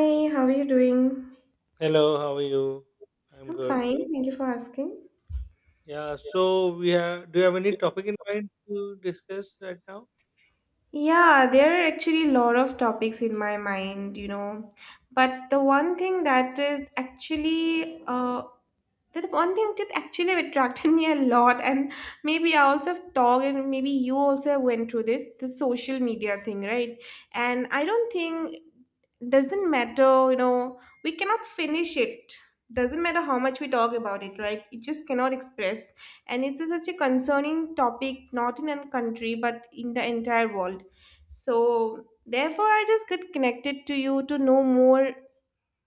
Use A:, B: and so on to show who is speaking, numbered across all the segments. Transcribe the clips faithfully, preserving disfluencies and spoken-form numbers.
A: Hey, how are you doing?
B: Hello, how are you? I'm
A: I'm
B: good.
A: fine. Thank you for asking.
B: Yeah, so we have. Do you have any topic in mind to discuss right now?
A: Yeah, there are actually a lot of topics in my mind, you know. But the one thing that is actually, uh, the one thing that actually attracted me a lot, and maybe I also have talked, and maybe you also went through this, the social media thing, right? And I don't think. Doesn't matter, you know, we cannot finish it. Doesn't matter how much we talk about it, right? It just cannot express. And it's a- such a concerning topic, not in a country, but in the entire world, so therefore, I just get connected to you to know more,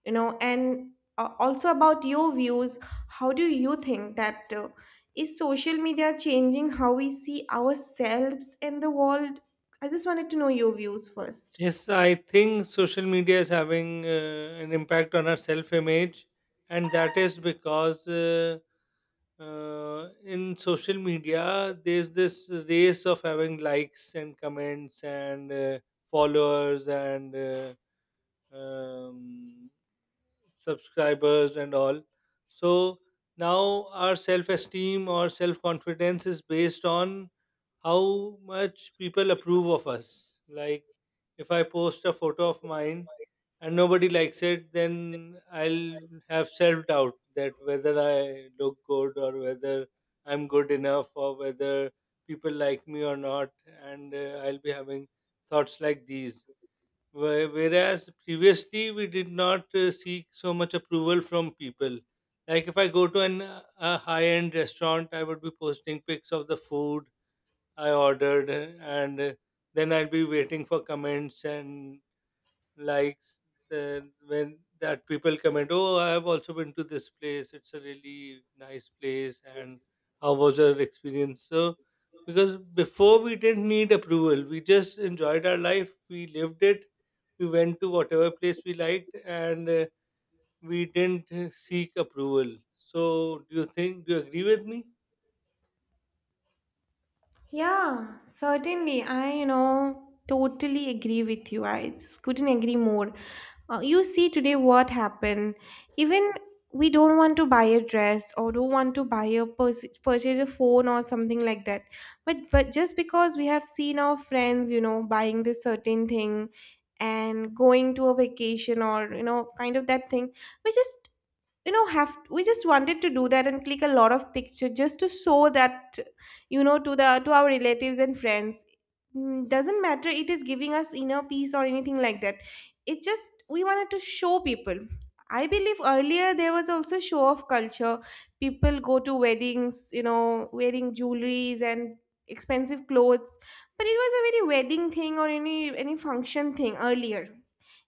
A: you know, and uh, also about your views. How do you think that uh, is social media changing how we see ourselves in the world? I just wanted to know your views first.
B: Yes, I think social media is having uh, an impact on our self image, and that is because uh, uh, in social media, there's this race of having likes and comments and uh, followers and uh, um, subscribers and all, so now our self esteem or self confidence is based on how much people approve of us. Like if I post a photo of mine and nobody likes it, then i'll have self doubt that whether I look good or whether I'm good enough or whether people like me or not, and uh, I'll be having thoughts like these. Whe- Whereas previously we did not uh, seek so much approval from people. Like if I go to an uh, a high-end restaurant, I would be posting pics of the food I ordered, uh, and uh, then I'll be waiting for comments and likes. Then when that people comment, oh, I have also been to this place, it's a really nice place, and how was your experience. So because before we didn't need approval, we just enjoyed our life, we lived it, we went to whatever place we liked, and uh, we didn't uh, seek approval. So do you think, do you agree with me?
A: Yeah, certainly. I, you know, totally agree with you. I just couldn't agree more. Uh, you see today what happened. Even we don't want to buy a dress or don't want to buy a pers- purchase a phone or something like that. But but just because we have seen our friends, you know, buying this certain thing and going to a vacation or you know, kind of that thing, we just you know have we just wanted to do that and click a lot of picture just to show that you know to the to our relatives and friends. Mm, doesn't matter it is giving us inner peace or anything like that, it just we wanted to show people. I believe earlier there was also show of culture. People go to weddings you know wearing jewelries and expensive clothes. But it was a very wedding thing or any any function thing earlier,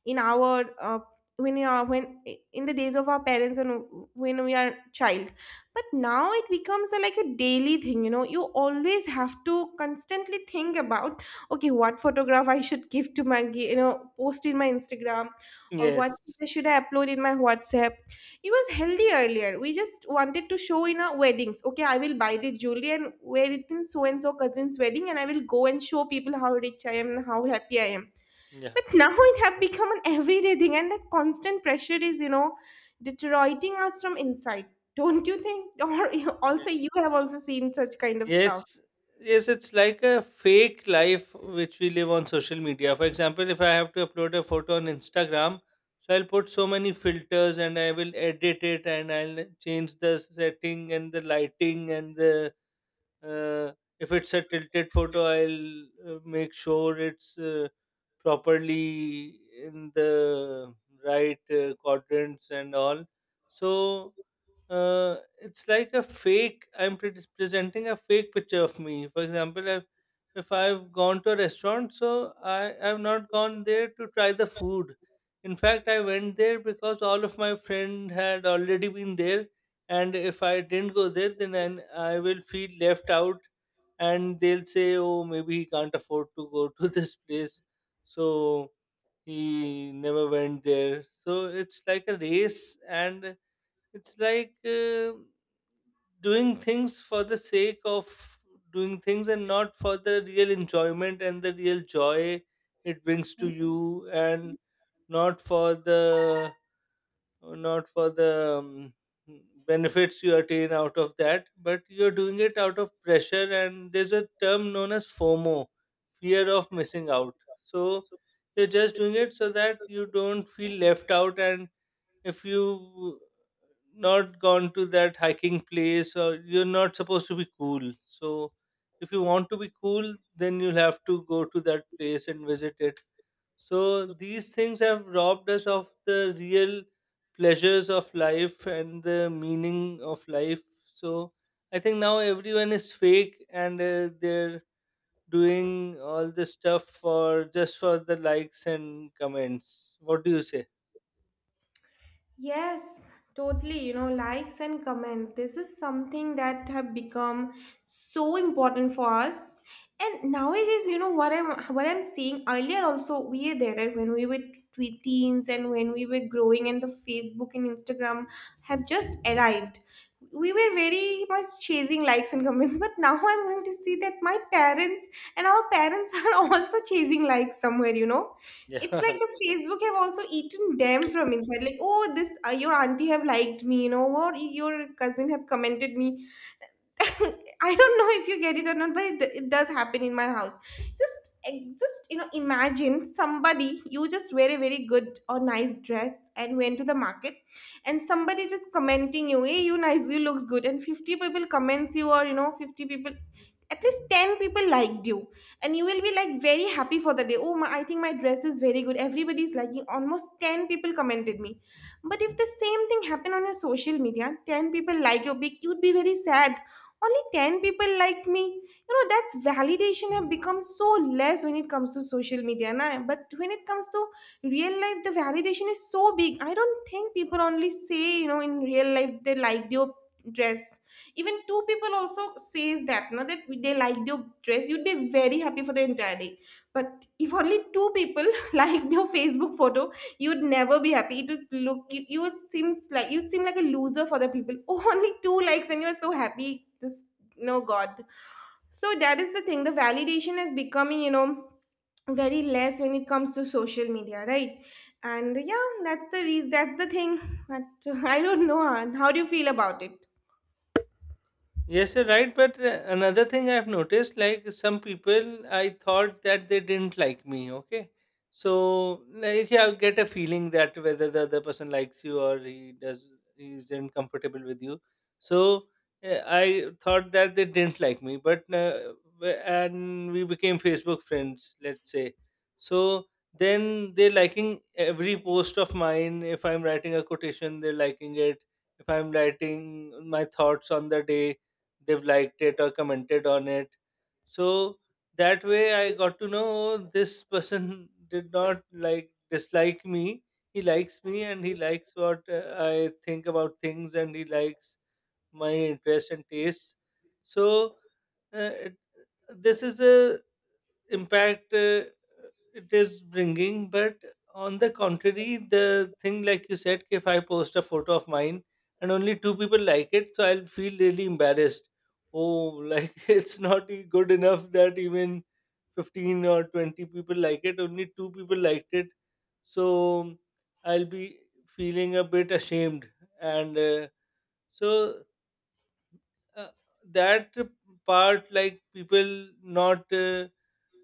A: in our uh, when you are when in the days of our parents and when we are child. But now it becomes a, like a daily thing you know you always have to constantly think about, okay, what photograph I should give to my gi- you know post in my Instagram, or what
B: Yes.
A: status should I upload in my WhatsApp. It was healthy earlier, we just wanted to show in our weddings, okay, I will buy this jewelry and wear it in so and so cousin's wedding, and I will go and show people how rich I am and how happy I am.
B: Yeah.
A: But now it have become an everyday thing, and that constant pressure is, you know, deteriorating us from inside. Don't you think? Or you- also, you have also seen such kind of stuff.
B: Yes, yes, it's like a fake life which we live on social media. For example, if I have to upload a photo on Instagram, so I'll put so many filters and I will edit it and I'll change the setting and the lighting and the uh, if it's a tilted photo, i'll uh, make sure it's uh, properly in the right uh, quadrants and all. So uh, it's like a fake, i'm pre- presenting a fake picture of me. For example, if, if I've gone to a restaurant, so i i've not gone there to try the food. In fact, I went there because all of my friend had already been there, and if I didn't go there, then I, I will feel left out, and they'll say, oh, maybe he can't afford to go to this place, so he never went there. So it's like a race, and it's like uh, doing things for the sake of doing things, and not for the real enjoyment and the real joy it brings to you, and not for the uh, not for the um, benefits you attain out of that, but you're doing it out of pressure. And there's a term known as FOMO, fear of missing out. So you're just doing it so that you don't feel left out. And if you not gone to that hiking place, or you're not supposed to be cool. So if you want to be cool, then you'll have to go to that place and visit it. So these things have robbed us of the real pleasures of life and the meaning of life. So I think now everyone is fake, and uh, they're doing all this stuff for, just for the likes and comments. What do you say?
A: Yes, totally. You know, likes and comments. This is something that have become so important for us. And nowadays, you know what I'm what I'm seeing. Earlier, also we are there, right? When we were twe- teens and when we were growing, and the Facebook and Instagram have just arrived. We were very much chasing likes and comments, but now I'm going to see that my parents and our parents are also chasing likes somewhere. You know it's like
B: Yeah.
A: the Facebook have also eaten them from inside. Like, oh, this uh, your auntie have liked me, you know, or your cousin have commented me. I don't know if you get it or not, but it, it does happen in my house. Just, eh, just you know, imagine somebody, you just wear a very good or nice dress and went to the market, and somebody just commenting you, "Hey, you nice, you looks good," and fifty people comments you, or you know, fifty people, at least ten people liked you, and you will be like very happy for the day. Oh, my, I think my dress is very good. Everybody's liking. Almost ten people commented me, but if the same thing happened on your social media, ten people like your pic, you'd be very sad. Only ten people like me you know that's validation have become so less when it comes to social media, na? But when it comes to real life, the validation is so big. I don't think people only say you know in real life they liked your dress. Even two people also says that now that they liked your dress you'd be very happy for the entire day. But if only two people liked your Facebook photo, you'd never be happy. It would look you, you would seems like you seem like a loser for the people. Oh, only two likes and you're so happy. This, no god. So that is the thing, the validation is becoming you know very less when it comes to social media, right? And yeah, that's the reason, that's the thing. But I don't know, Han. How do you feel about it?
B: Yes, you're right. But uh, another thing I've noticed, like some people, I thought that they didn't like me. Okay, so like, yeah, I get a feeling that whether the other person likes you or he does, he isn't comfortable with you. So uh, I thought that they didn't like me, but uh, w- and we became Facebook friends, let's say. So then they're liking every post of mine. If I'm writing a quotation, they're liking it. If I'm writing my thoughts on the day, they've liked it or commented on it. So that way I got to know, "Oh, this person did not like, dislike me. He likes me, and he likes what uh, I think about things, and he likes my interests and tastes. So uh, it, this is a impact uh, it is bringing. But on the contrary, the thing like you said, if I post a photo of mine and only two people like it, so I'll feel really embarrassed. Oh, like it's not e- good enough that even fifteen or twenty people like it, only two people liked it. So I'll be feeling a bit ashamed, and uh, so uh, that part, like people not uh,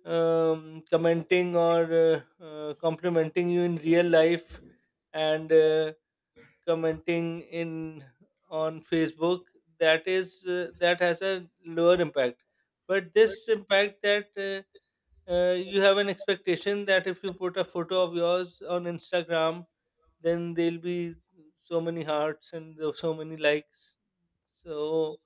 B: um, commenting or uh, uh, complimenting you in real life, and uh, commenting in, on Facebook, that is uh, that has a lower impact. But this impact that uh, uh, you have an expectation that if you put a photo of yours on Instagram, then there'll be so many hearts and the- so many likes. So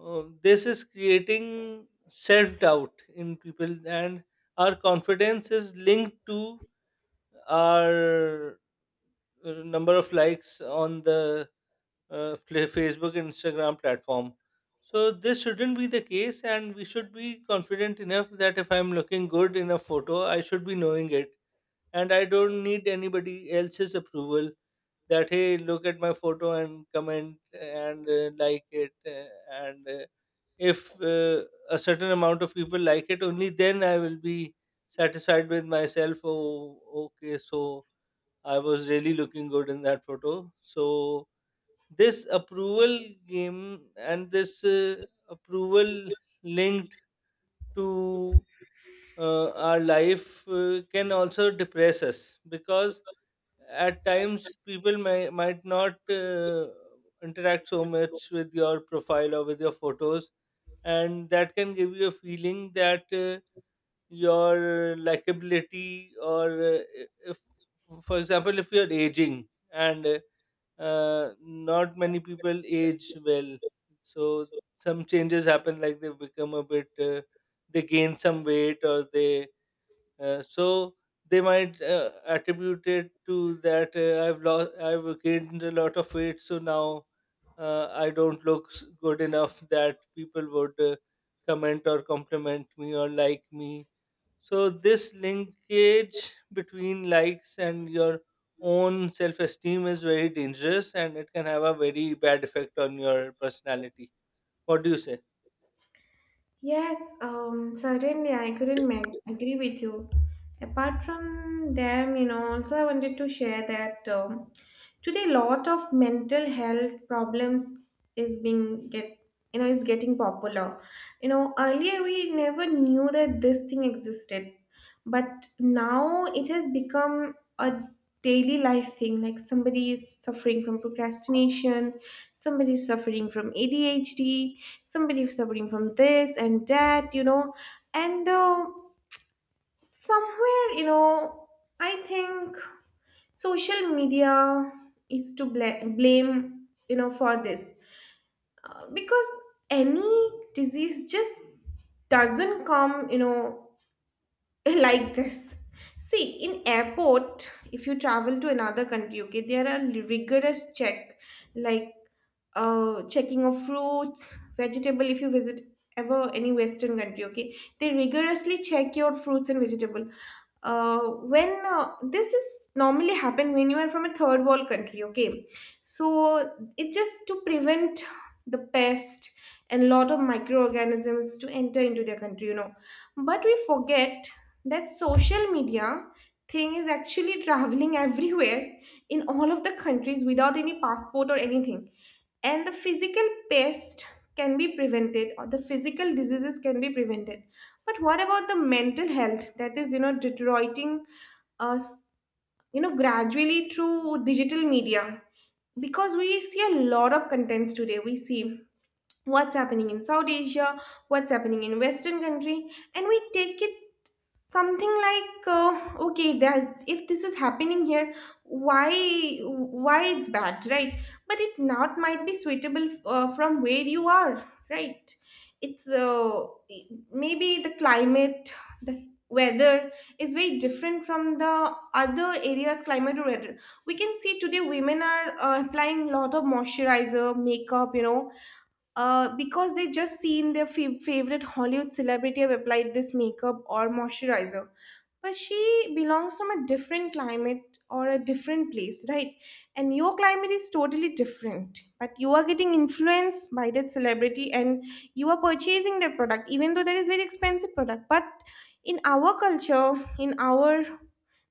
B: uh, this is creating self doubt in people, and our confidence is linked to our uh, number of likes on the uh, fla- Facebook and Instagram platform. So this shouldn't be the case, and we should be confident enough that if I'm looking good in a photo, I should be knowing it, and I don't need anybody else's approval, that hey, look at my photo and comment and uh, like it, uh, and uh, if uh, a certain amount of people like it, only then I will be satisfied with myself. Oh, okay, so I was really looking good in that photo. So this approval game, and this uh, approval linked to uh, our life uh, can also depress us, because at times people may, might not uh, interact so much with your profile or with your photos, and that can give you a feeling that uh, your likability, or uh, if, for example, if you're aging, and uh, uh, not many people age well, so some changes happen, like they become a bit uh, they gain some weight, or they uh, so they might uh, attribute it to that, uh, I've lost, I've gained a lot of weight, so now uh, I don't look s- good enough that people would uh, comment or compliment me or like me. So this linkage between likes and your own self-esteem is very dangerous, and it can have a very bad effect on your personality. What do you say?
A: Yes, um, certainly, I couldn't mag- agree with you. Apart from them, you know, also I wanted to share that um, today a lot of mental health problems is being get you know is getting popular. You know, earlier we never knew that this thing existed, but now it has become a daily life thing. Like somebody is suffering from procrastination, somebody is suffering from ADHD, somebody is suffering from this and that, you know and uh, somewhere you know I think social media is to bla- blame, you know for this, uh, because any disease just doesn't come you know like this. See, in airport if you travel to another country, okay, there are rigorous check, like uh checking of fruits vegetable, if you visit ever any western country, okay, they rigorously check your fruits and vegetable uh when uh, this is normally happen when you are from a third world country, okay, so it just to prevent the pest and lot of microorganisms to enter into their country you know but we forget that social media thing is actually traveling everywhere in all of the countries without any passport or anything. And the physical pest can be prevented or the physical diseases can be prevented. But what about the mental health that is you know deteriorating us you know gradually through digital media, because we see a lot of contents today. We see what's happening in South Asia, what's happening in Western country, and we take it something like uh, okay, that if this is happening here, why why it's bad, right? But it not might be suitable, uh, from where you are, right? It's, uh, maybe the climate, the weather is very different from the other areas climate or weather. We can see today, women are uh, applying lot of moisturizer makeup you know uh, because they just seen their fa- favorite Hollywood celebrity have applied this makeup or moisturizer. But she belongs from a different climate or a different place, right? And your climate is totally different. But you are getting influenced by that celebrity and you are purchasing that product, even though that is very expensive product. But in our culture, in our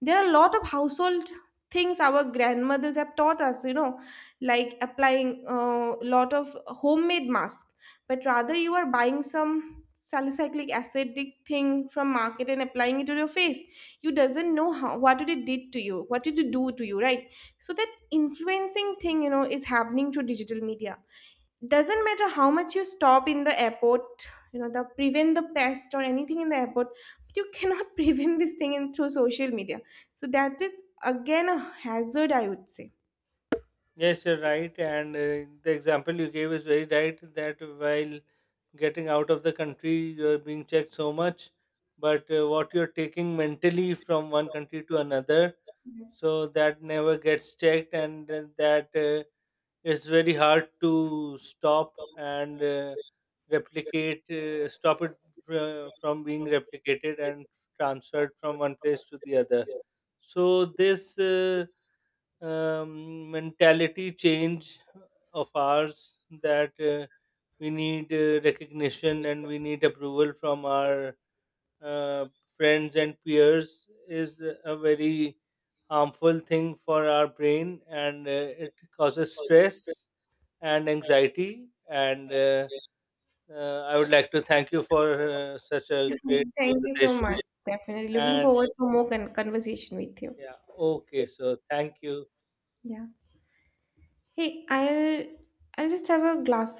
A: there are a lot of household things our grandmothers have taught us you know like applying a lot of homemade mask. But rather you are buying some salicylic acidic thing from market and applying it to your face, you doesn't know how what did it did to you what did it do to you, right? So that influencing thing you know is happening through digital media. Doesn't matter how much you stop in the airport, you know the prevent the pest or anything in the airport, but you cannot prevent this thing in through social media. So that is again a hazard, I would say.
B: Yes, you're right. And uh, the example you gave is very right, that while getting out of the country, you're being checked so much, but uh, what you're taking mentally from one country to another,
A: Yes.
B: so that never gets checked, and uh, that uh, it's very hard to stop and uh, replicate, uh, stop it uh, from being replicated and transferred from one place to the other. So, this. Uh, um, mentality change of ours, that uh, we need uh, recognition, and we need approval from our uh, friends and peers, is a very harmful thing for our brain, and uh, it causes stress and anxiety, and uh, uh, I would like to thank you for uh, such a great
A: Thank you so
B: conversation,
A: much. Definitely looking
B: and
A: forward for more con- conversation with you.
B: yeah, okay, so thank you.
A: Yeah. Hey, I'll I'll just have a glass